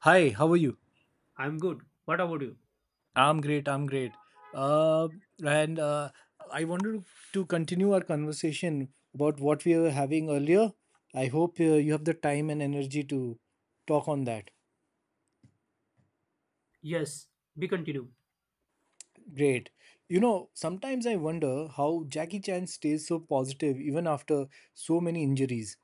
Hi, how are you? I'm good. What about you? I'm great. I'm great. Uh, and I wanted to continue our conversation about what we were having earlier. I hope you have the time and energy to talk on that. Yes, we continue. Great. You know, sometimes I wonder how Jackie Chan stays so positive even after so many injuries.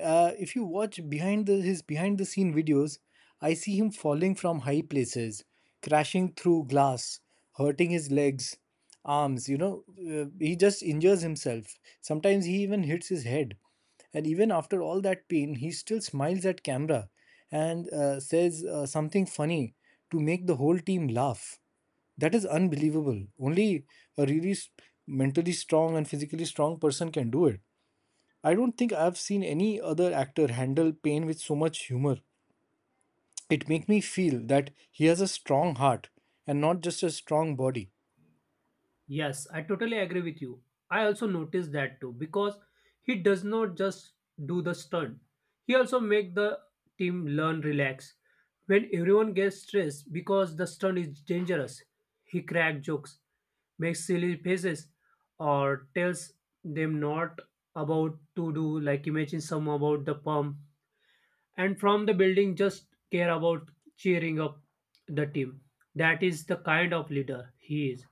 If you watch his behind the scene videos, I see him falling from high places, crashing through glass, hurting his legs, arms. You know, he just injures himself. Sometimes he even hits his head. And even after all that pain, he still smiles at camera and says something funny to make the whole team laugh. That is unbelievable. Only a mentally strong and physically strong person can do it. I don't think I've seen any other actor handle pain with so much humor. It makes me feel that he has a strong heart and not just a strong body. Yes, I totally agree with you. I also noticed that too because he does not just do the stunt. He also make the team learn relax. When everyone gets stressed because the stunt is dangerous, he crack jokes, makes silly faces, or tells them not about to do. Like imagine some about the pump and from the building just care about cheering up the team. That is the kind of leader he is.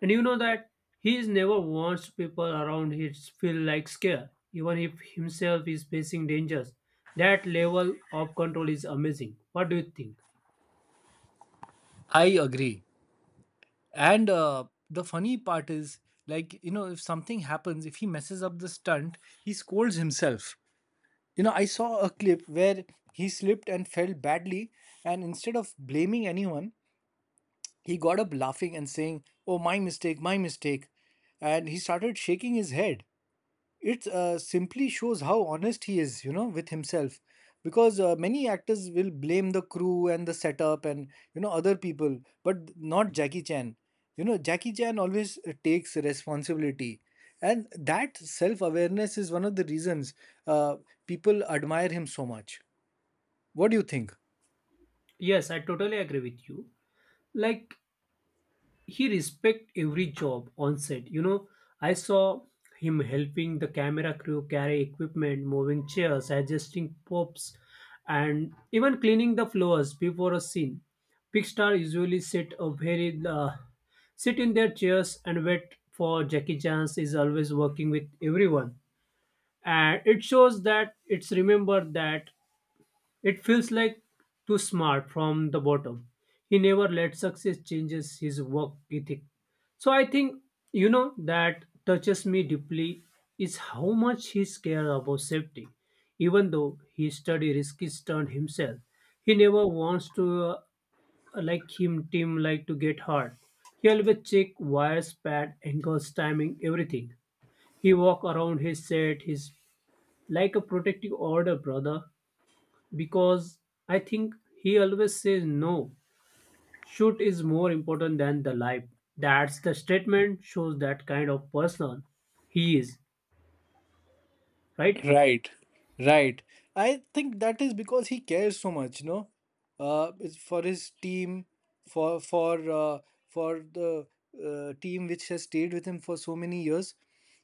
And you know that he is never wants people around him to feel like scared, even if himself is facing dangers. That level of control is amazing. What do you think? I agree. And the funny part is, like, you know, if something happens, if he messes up the stunt, he scolds himself. You know, I saw a clip where he slipped and fell badly, and instead of blaming anyone, he got up laughing and saying, "Oh, my mistake, my mistake." And he started shaking his head. It simply shows how honest he is, you know, with himself. Because many actors will blame the crew and the setup and, you know, other people, but not Jackie Chan. You know, Jackie Chan always takes responsibility. And that self awareness is one of the reasons uh, people admire him so much. What do you think? Yes, I totally agree with you. Like he respect every job on set, I saw him helping the camera crew carry equipment, moving chairs, adjusting props, and even cleaning the floors before a scene. Big star usually sit a very sit in their chairs and wait for Jackie Chan is always working with everyone, and it shows that it's remembered that it feels like too smart from the bottom. He never let success changes his work ethic. So I think that touches me deeply is how much he care about safety. Even though he study risky stunt himself, he never wants to like him team like to get hurt. He always check wires, pad, angles, timing, everything. He walk around his set. He's like a protective order, brother, because I think he always says no. Shoot is more important than the life. That's the statement shows that kind of person he is, right? Right, right. I think that is because he cares so much, no? It's for his team, for for the team which has stayed with him for so many years.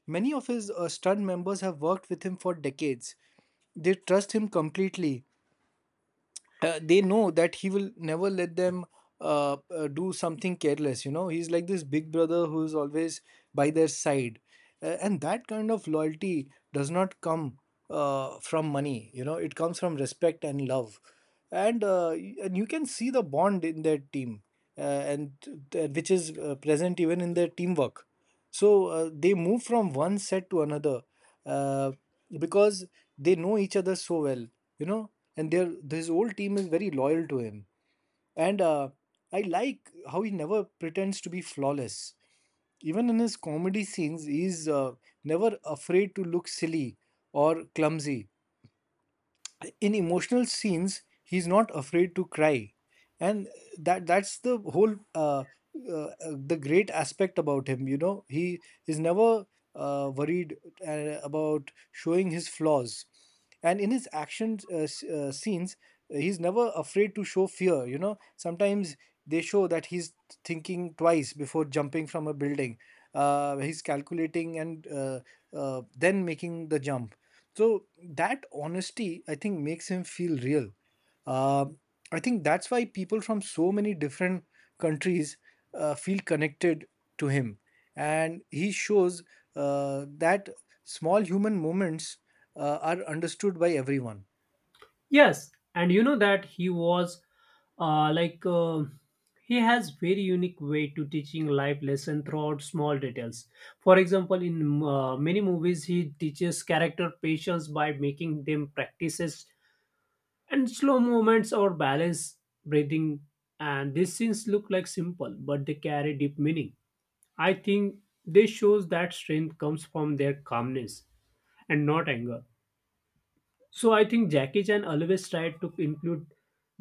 Many of his stud members have worked with him for decades. They trust him completely, they know that he will never let them do something careless. You know, he's like this big brother who's always by their side, and that kind of loyalty does not come from money. You know, it comes from respect and love, and and you can see the bond in their team, uh, and th- which is present even in their teamwork, so they move from one set to another, uh, because they know each other so well, you know, and their his whole team is very loyal to him. And I like how he never pretends to be flawless. Even in his comedy scenes, he's never afraid to look silly or clumsy. In emotional scenes, he's not afraid to cry, and that's the whole uh, uh, the great aspect about him. You know, he is never worried about showing his flaws. And in his action scenes, he's never afraid to show fear. You know, sometimes they show that he's thinking twice before jumping from a building. He's calculating and then making the jump. So that honesty, I think, makes him feel real. Uh, I think that's why people from so many different countries feel connected to him, and he shows that small human moments are understood by everyone. Yes, and you know that he was like he has very unique way to teaching life lesson throughout small details. For example, in many movies, he teaches character patience by making them practices and slow movements or balance breathing, and these scenes look like simple but they carry deep meaning. I think this shows that strength comes from their calmness and not anger. So I think Jackie Chan always tried to include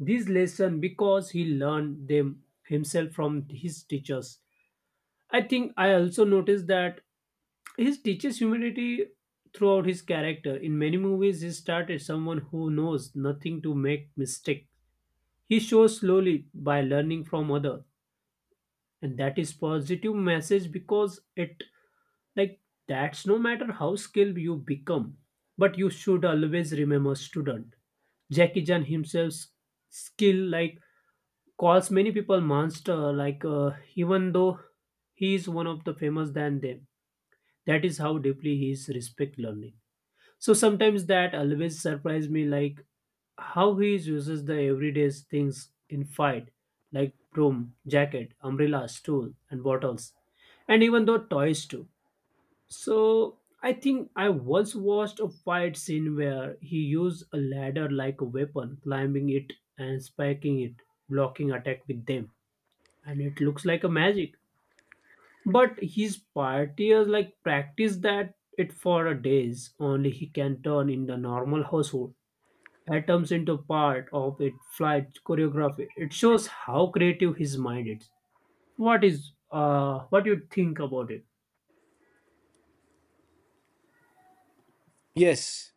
these lessons because he learned them himself from his teachers. I think I also noticed that he teaches humility throughout his character. In many movies, he started someone who knows nothing to make mistake. He shows slowly by learning from other, and that is positive message because it, like, that's no matter how skilled you become, but you should always remember student. Jackie Chan himself's skill like calls many people monster like even though he is one of the famous than them. That is how deeply he is respect learning. So sometimes that always surprised me, like how he uses the everyday things in fight, like broom, jacket, umbrella, stool, and bottles, and even though toys too. So I think I once watched a fight scene where he used a ladder like a weapon, climbing it and spiking it, blocking attack with them, and it looks like a magic. But his partiers like practice that it for a days only he can turn in the normal household. Atoms into part of it flight choreography. It shows how creative his mind is. What is what you think about it? Yes,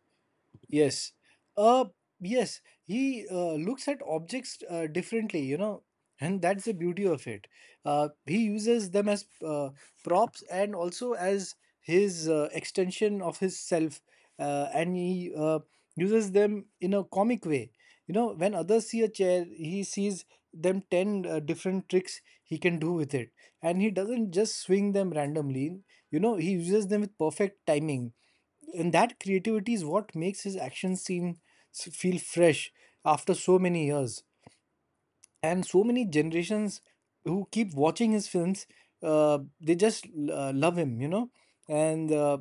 yes, uh, yes. He looks at objects differently, you know, and that's the beauty of it. He uses them as props and also as his extension of his self, and he uses them in a comic way. You know, when others see a chair, he sees them 10 different tricks he can do with it. And he doesn't just swing them randomly. You know, he uses them with perfect timing, and that creativity is what makes his actions seem feel fresh after so many years and so many generations who keep watching his films. They just love him, you know. And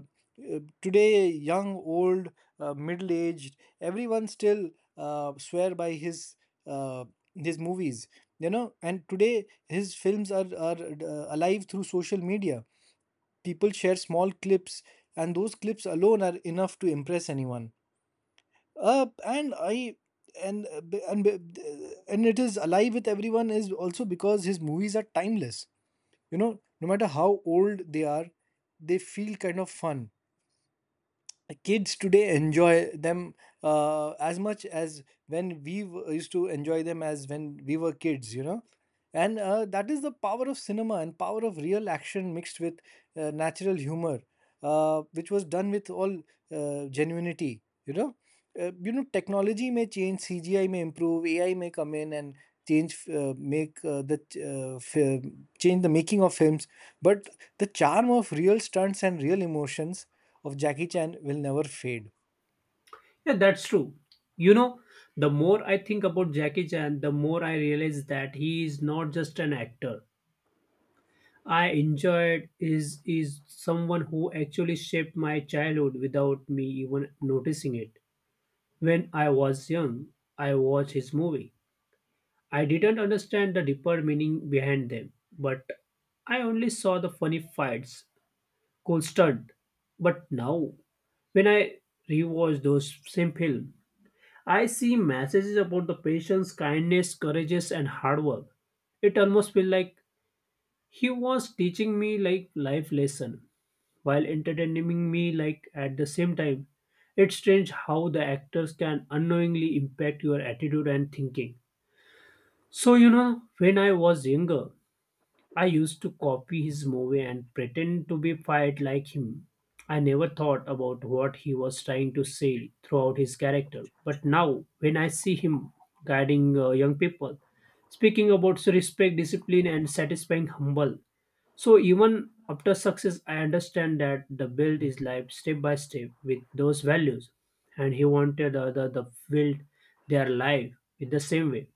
Today, young, old, middle aged, everyone still swear by uh, his movies, you know. And today his films are alive through social media. People share small clips, and those clips alone are enough to impress anyone. Uh, and i and uh, b- and b- and it is alive with everyone is also because his movies are timeless. You know, no matter how old they are, they feel kind of fun. The kids today enjoy them as much as used to enjoy them as when we were kids, you know. And that is the power of cinema and power of real action mixed with natural humor, which was done with all genuinity, you know. You know, technology may change, cgi may improve, ai may come in and change, make the ch- fi- change the making of films, but the charm of real stunts and real emotions of Jackie Chan will never fade. Yeah, that's true. You know, the more I think about Jackie Chan, the more I realize that he is not just an actor. I enjoyed is someone who actually shaped my childhood without me even noticing it. When I was young, I watched his movie. I didn't understand the deeper meaning behind them, but I only saw the funny fights, cool stunt. But now, when I rewatch those same film, I see messages about the patience, kindness, courageous, and hard work. It almost feels like he was teaching me like life lesson while entertaining me like at the same time. It's strange how the actors can unknowingly impact your attitude and thinking. So you know, when I was younger, I used to copy his movie and pretend to be fired like him. I never thought about what he was trying to say throughout his character. But now, when I see him guiding young people, speaking about respect, discipline, and satisfying humble, so even after success, I understand that the build is life step by step with those values, and he wanted the other the build their life in the same way,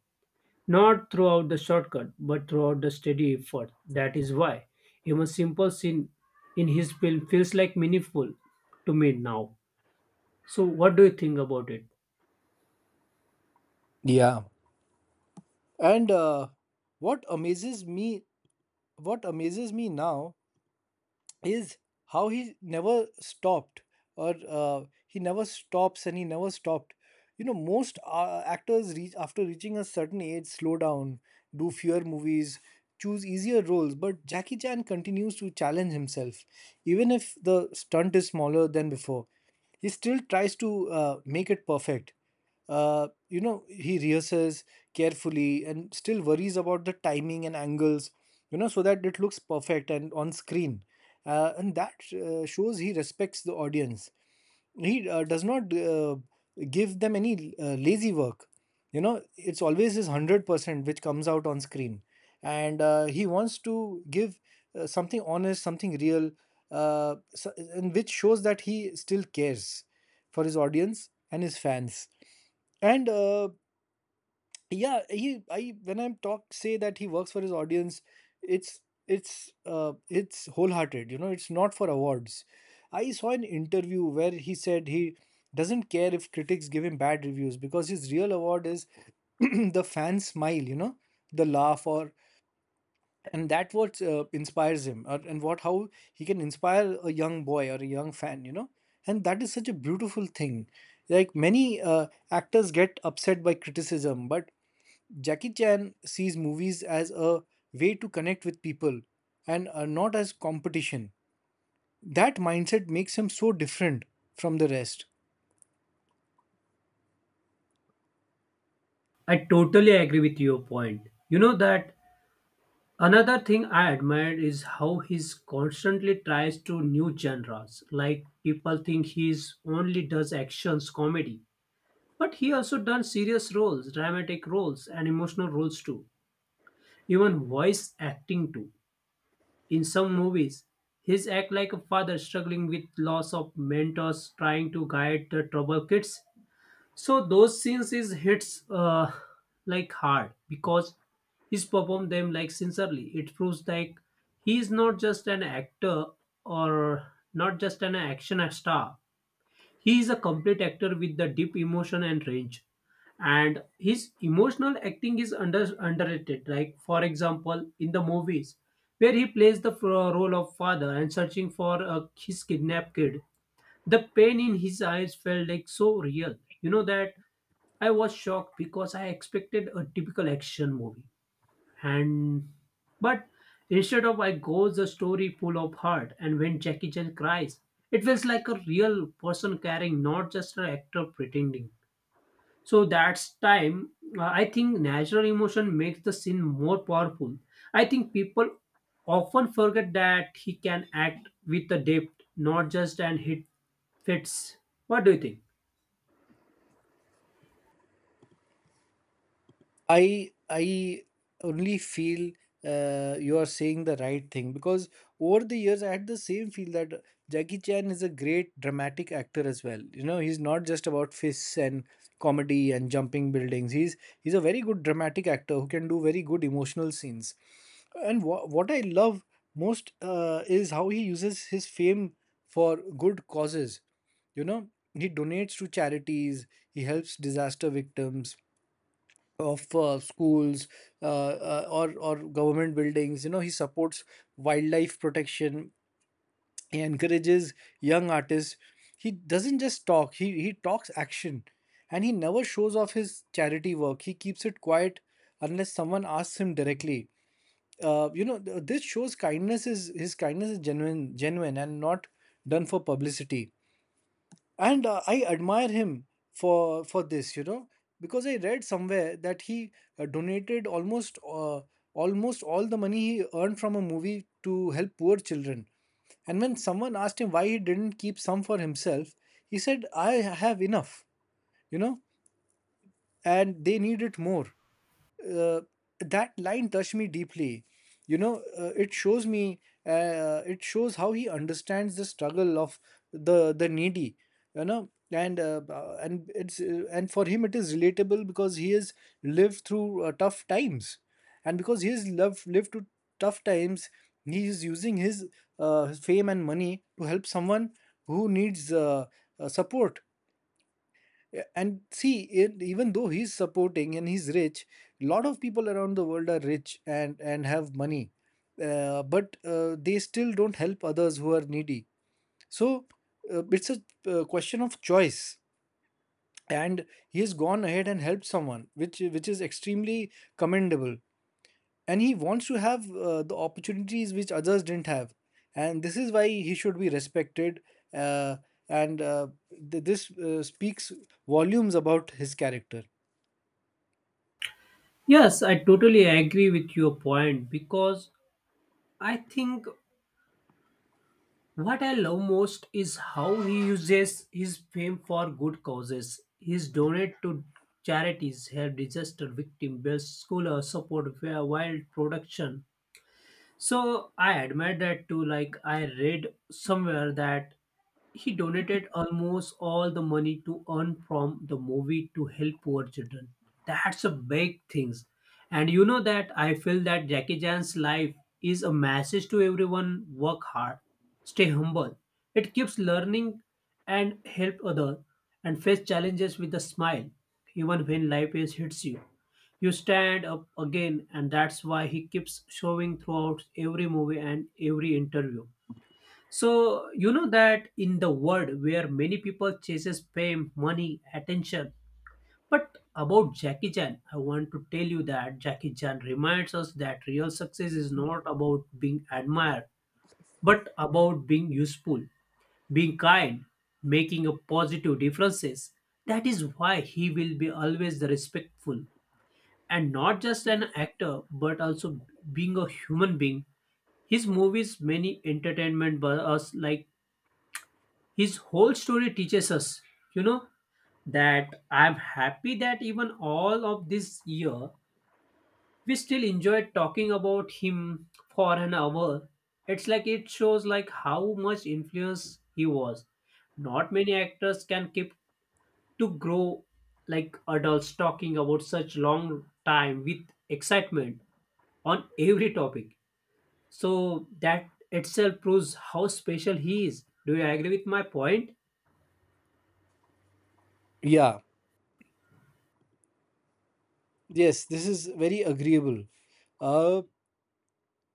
not throughout the shortcut, but throughout the steady effort. That is why even simple scene in his film feels like meaningful to me now. So what do you think about it? Yeah, and what amazes me, what amazes me now, is how he never stopped. Or uh, he never stops and he never stopped. You know, most actors reach after reaching a certain age slow down, do fewer movies, choose easier roles, but Jackie Chan continues to challenge himself. Even if the stunt is smaller than before, he still tries to make it perfect. You know, he rehearses carefully and still worries about the timing and angles, you know, so that it looks perfect and on screen. And that shows he respects the audience. He does not give them any lazy work. You know, it's always his 100% which comes out on screen, and he wants to give something honest, something real. So, and which shows that he still cares for his audience and his fans. And Yeah, he I when I'm talk say that he works for his audience, it's it's wholehearted. You know, it's not for awards. I saw an interview where he said he doesn't care if critics give him bad reviews because his real award is the fan smile, you know, the laugh. Or and That what inspires him, or, and what how he can inspire a young boy or a young fan, you know. And that is such a beautiful thing. Like, many actors get upset by criticism, but Jackie Chan sees movies as a way to connect with people, and not as competition. That mindset makes him so different from the rest. I totally agree with your point. You know that another thing I admire is how he's constantly tries to new genres. Like, people think he's only does actions comedy, but he also done serious roles, dramatic roles, and emotional roles too. Even voice acting too. In some movies, his act like a father struggling with loss of mentors, trying to guide the troubled kids. So those scenes is hits like hard because he's performed them like sincerely. It proves like he is not just an actor or not just an action star. He is a complete actor with the deep emotion and range. And his emotional acting is under underrated. Like, for example, in the movies where he plays the role of father and searching for his kidnapped kid, the pain in his eyes felt like so real. You know that I was shocked because I expected a typical action movie. And but instead of I goes the story full of heart, and when Jackie Chan cries, it feels like a real person caring, not just an actor pretending. So that's time I think natural emotion makes the scene more powerful. I think people often forget that he can act with a depth, not just an hit fits. What do you think? I only feel you are saying the right thing because over the years I had the same feel that Jackie Chan is a great dramatic actor as well. You know, he's not just about fists and comedy and jumping buildings. He's a very good dramatic actor who can do very good emotional scenes. And what I love most is how he uses his fame for good causes. You know, he donates to charities, he helps disaster victims, of schools or government buildings. You know, he supports wildlife protection. He encourages young artists. He doesn't just talk. He talks action, and he never shows off his charity work. He keeps it quiet unless someone asks him directly. You know, this shows kindness is his kindness is genuine, genuine, and not done for publicity. And I admire him for this, you know, because I read somewhere that he donated almost all the money he earned from a movie to help poor children. And when someone asked him why he didn't keep some for himself, he said, "I have enough, you know, and they needed more." uh, that line touched me deeply, you know. Uh, it shows me it shows how he understands the struggle of the needy, you know. And for him it is relatable because he has lived through tough times. And because he has lived through tough times, he is using his fame and money to help someone who needs support. Yeah, and see it, even though he's supporting and he's rich, a lot of people around the world are rich and have money, but they still don't help others who are needy. So it's a question of choice, and he has gone ahead and helped someone, which is extremely commendable. And he wants to have the opportunities which others didn't have, and this is why he should be respected. uh, and uh, this speaks volumes about his character. Yes, I totally agree with your point, because I think what I love most is how he uses his fame for good causes. He's donate to charities, help disaster victim, build school, support wild production. So I admire that too. Like, I read somewhere that he donated almost all the money to earn from the movie to help poor children. That's a big thing. And you know that I feel that Jackie Chan's life is a message to everyone: work hard, stay humble. It keeps learning and help other and face challenges with a smile even when life is hits you. You stand up again, and that's why he keeps showing throughout every movie and every interview. So you know that in the world where many people chases fame, money, attention, but about Jackie Chan, I want to tell you that Jackie Chan reminds us that real success is not about being admired, but about being useful, being kind, making a positive differences. That is why he will be always the respectful and not just an actor, but also being a human being. His movies, many entertainment by us, like his whole story teaches us, you know, that I'm happy that even all of this year we still enjoyed talking about him for an hour. It's like it shows like how much influence he was. Not many actors can keep to grow like adults talking about such long time with excitement on every topic. So that itself proves how special he is. Do you agree with my point? Yeah, yes, this is very agreeable. Uh,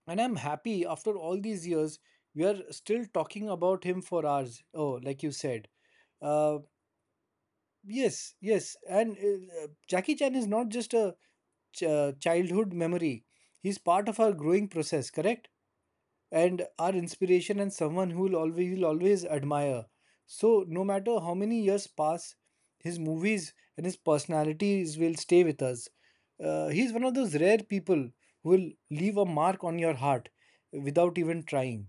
and I'm happy after all these years, we are still talking about him for hours. Oh, like you said. Uh, yes, yes. And Jackie Chan is not just a childhood memory, he's part of our growing process, correct? And our inspiration and someone who will always admire. So no matter how many years pass, his movies and his personalities will stay with us. He's one of those rare people who will leave a mark on your heart without even trying.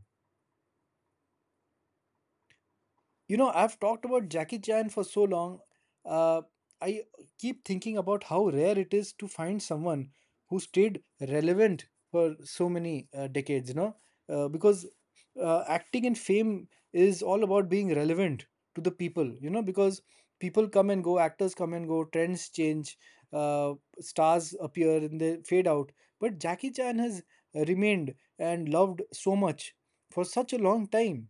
You know, I've talked about Jackie Chan for so long. Uh, I keep thinking about how rare it is to find someone who stayed relevant for so many decades, you know, because acting and fame is all about being relevant to the people, you know, because people come and go, actors come and go, trends change, uh, stars appear and they fade out. But Jackie Chan has remained and loved so much for such a long time,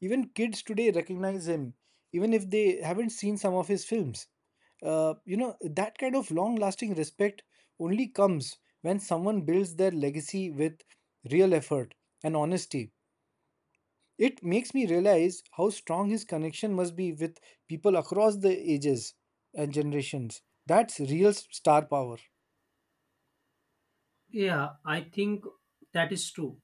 even kids today recognize him, even if they haven't seen some of his films. You know, that kind of long lasting respect only comes when someone builds their legacy with real effort and honesty. It makes me realize how strong his connection must be with people across the ages and generations. That's real star power. Yeah, I think that is true.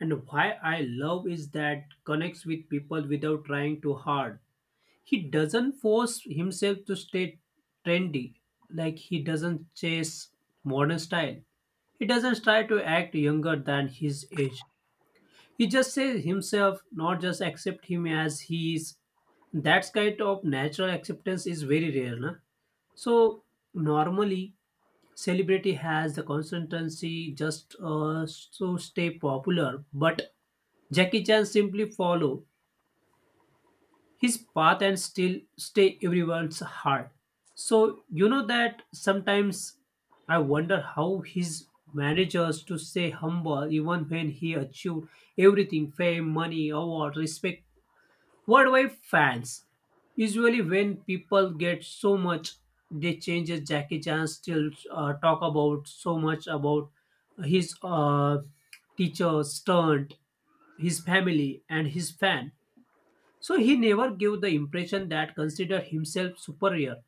And why I love is that connects with people without trying too hard. He doesn't force himself to stay trendy. Like, he doesn't chase modern style. He doesn't try to act younger than his age. He just says himself, not just accept him as he is. That kind of natural acceptance is very rare, na? So normally celebrity has the consistency just so stay popular, but Jackie Chan simply follow his path and still stay everyone's heart. So you know that sometimes I wonder how his managers to stay humble even when he achieved everything: fame, money, award, respect, worldwide fans. Usually, when people get so much, they changes. Jackie Chan still talk about so much about his teacher stunt, his family, and his fan. So he never gave the impression that consider himself superior.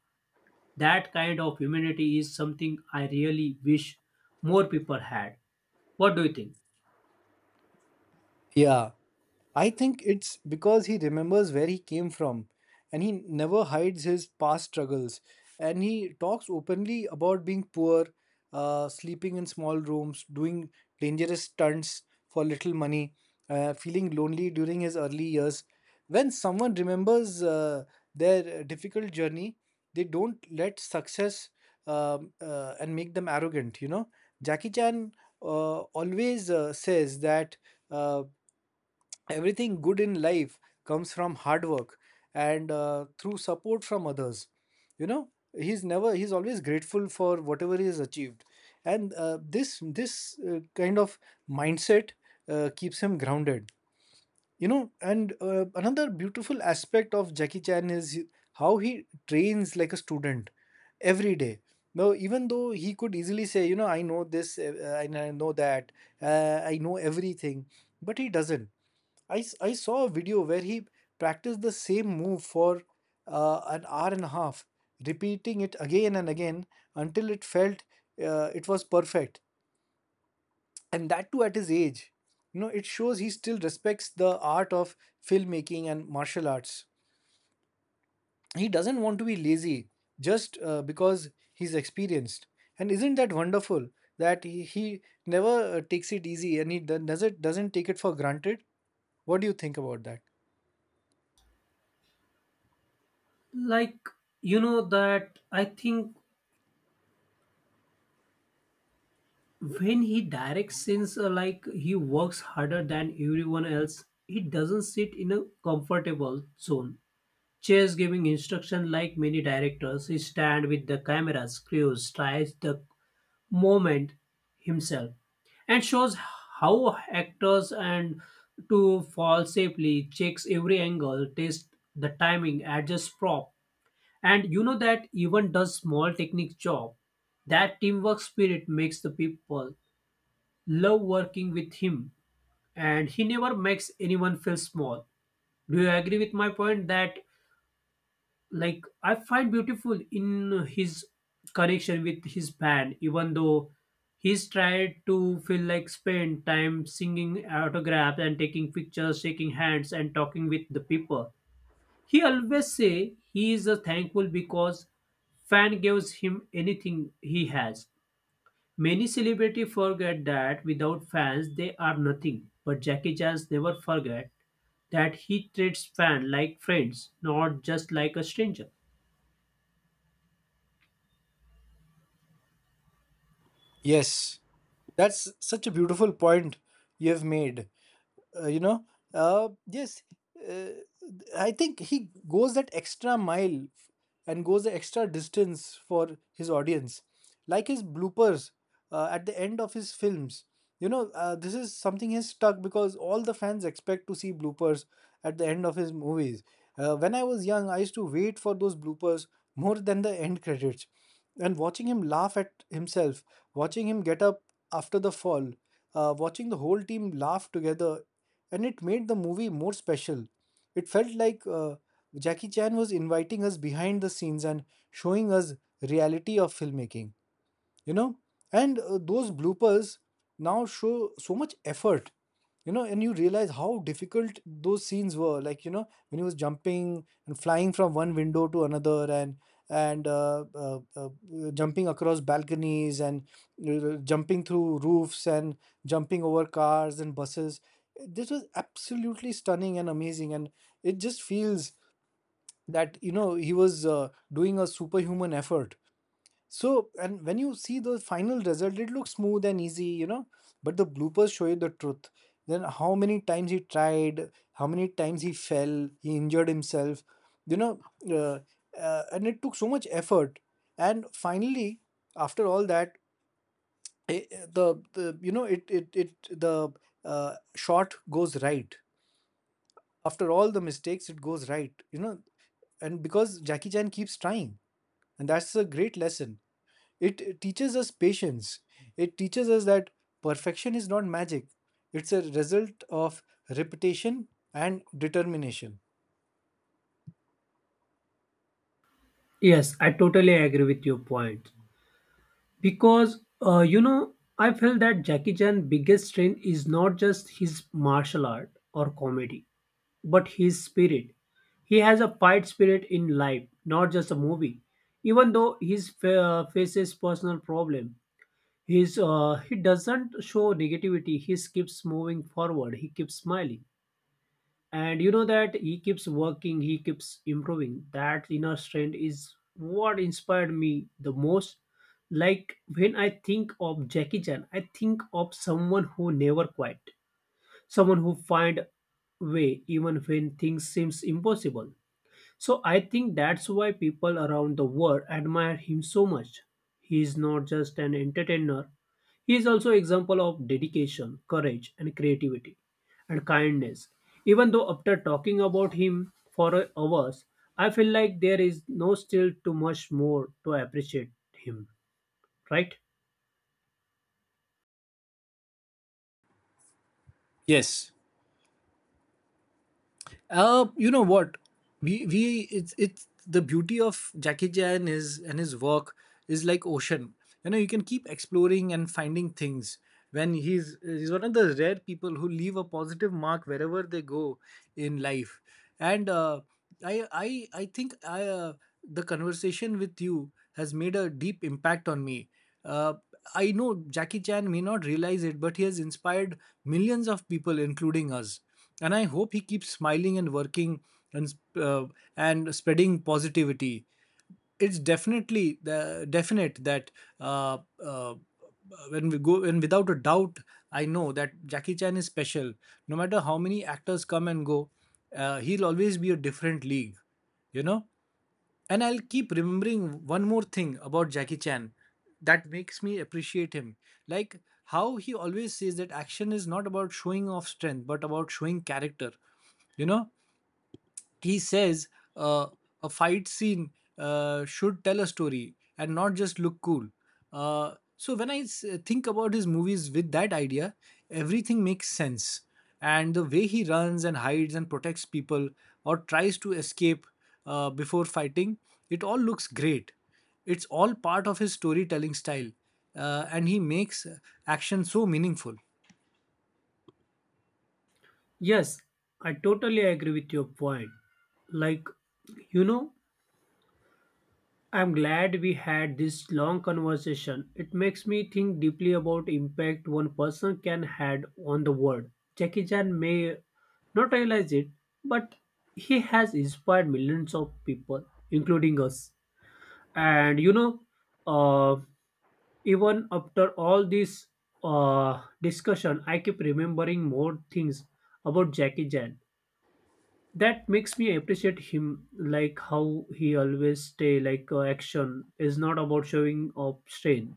That kind of humanity is something I really wish more people had. What do you think? Yeah. I think it's because he remembers where he came from and he never hides his past struggles. And he talks openly about being poor, sleeping in small rooms, doing dangerous stunts for little money, feeling lonely during his early years. When someone remembers their difficult journey, they don't let success and make them arrogant, you know. Jackie Chan always says that. Uh, Everything good in life comes from hard work and through support from others, you know. He's never He's always grateful for whatever he has achieved, and this kind of mindset keeps him grounded, you know. And another beautiful aspect of Jackie Chan is how he trains like a student every day now. Even though he could easily say, you know, I know this and I know that, I know everything, but he doesn't. I saw a video where he practiced the same move for an hour and a half, repeating it again and again until it felt it was perfect. And that too at his age. You know, it shows he still respects the art of filmmaking and martial arts. He doesn't want to be lazy just because he's experienced. And isn't that wonderful that he never takes it easy and he doesn't take it for granted? What do you think about that? Like, you know that I think when he directs scenes like he works harder than everyone else. He doesn't sit in a comfortable zone chase giving instruction like many directors. He stand with the camera screws, tries the moment himself, and shows how actors and to fall safely, checks every angle, test the timing, adjusts prop, and you know that even does small technique job. That teamwork spirit makes the people love working with him, and he never makes anyone feel small. Do you agree with my point that like I find beautiful in his connection with his band, even though he's tried to feel like spend time singing autographs and taking pictures, shaking hands and talking with the people. He always say he is a thankful because fan gives him anything he has. Many celebrities forget that without fans they are nothing, but Jackie Chan never forget that. He treats fans like friends, not just like a stranger. Yes, that's such a beautiful point you have made. Uh, you know, uh, yes, uh, I think he goes that extra mile and goes the extra distance for his audience, like his bloopers at the end of his films. You know, this is something he's stuck because all the fans expect to see bloopers at the end of his movies. When I was young, I used to wait for those bloopers more than the end credits. And watching him laugh at himself, watching him get up after the fall, watching the whole team laugh together, and it made the movie more special. It felt like Jackie Chan was inviting us behind the scenes and showing us reality of filmmaking, you know. And those bloopers now show so much effort, you know, and you realize how difficult those scenes were, like, you know, when he was jumping and flying from one window to another, and and uh, uh, uh, jumping across balconies, and jumping through roofs, and jumping over cars and buses. This was absolutely stunning and amazing, and it just feels that, you know, he was doing a superhuman effort. So, and when you see the final result, it looks smooth and easy, you know, but the bloopers show you the truth. Then, how many times he tried, how many times he fell, he injured himself, you know, uh, and it took so much effort. And finally, after all that, eh, eh, the you know, it the shot goes right. After all the mistakes, it goes right, you know, and because Jackie Chan keeps trying, and that's a great lesson. It teaches us patience. It teaches us that perfection is not magic, it's a result of repetition and determination. Yes, I totally agree with your point. Because, you know, I feel that Jackie Chan's biggest strength is not just his martial art or comedy, but his spirit. He has a fight spirit in life, not just a movie. Even though he faces personal problem, he's he doesn't show negativity. He keeps moving forward. He keeps smiling, and you know that he keeps working. He keeps improving. That inner strength is what inspired me the most. Like, when I think of Jackie Chan, I think of someone who never quit, someone who find way even when things seems impossible. So I think that's why people around the world admire him so much. He is not just an entertainer, he is also example of dedication, courage and creativity and kindness. Even though after talking about him for hours, I feel like there is no still too much more to appreciate him, right? Yes. You know what? We it's the beauty of Jackie Chan is and his work is like ocean. You know, you can keep exploring and finding things. When he's one of the rare people who leave a positive mark wherever they go in life. And I think I the conversation with you has made a deep impact on me. Uh, I know Jackie Chan may not realize it, but he has inspired millions of people, including us. And I hope he keeps smiling and working and uh, spreading positivity. It's definitely the definite that uh, uh, when we go, and without a doubt, I know that Jackie Chan is special. No matter how many actors come and go, he'll always be a different league, you know. And I'll keep remembering one more thing about Jackie Chan that makes me appreciate him, like how he always says that action is not about showing off strength, but about showing character. You know, he says uh, a fight scene should tell a story and not just look cool. So when I think about his movies with that idea, everything makes sense. And the way he runs and hides and protects people or tries to escape before fighting, it all looks great. It's all part of his storytelling style, and he makes action so meaningful. Yes, I totally agree with your point. Like, you know, I'm glad we had this long conversation. It makes me think deeply about impact one person can had on the world. Jackie Chan may not realize it, but he has inspired millions of people, including us. And you know, uh, even after all this discussion, I keep remembering more things about Jackie Chan that makes me appreciate him, like how he always stay like action is not about showing up strain,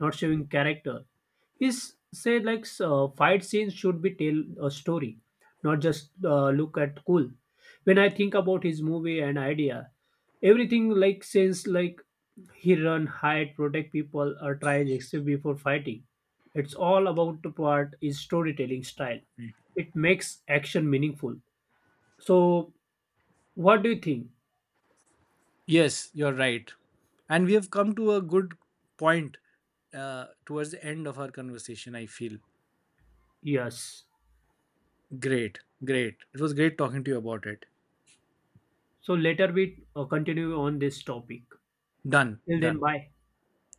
not showing character. He's said like fight scenes should be tell a story, not just look at cool. When I think about his movie and idea, everything like since, like, he run, hide, protect people or try escape before fighting, it's all about the part is storytelling style. It makes action meaningful. So what do you think? Yes, you're right. And we have come to a good point towards the end of our conversation, I feel. Yes. Great, great. It was great talking to you about it. So later we continue on this topic. Done, Till then, done. bye.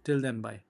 Till then, bye.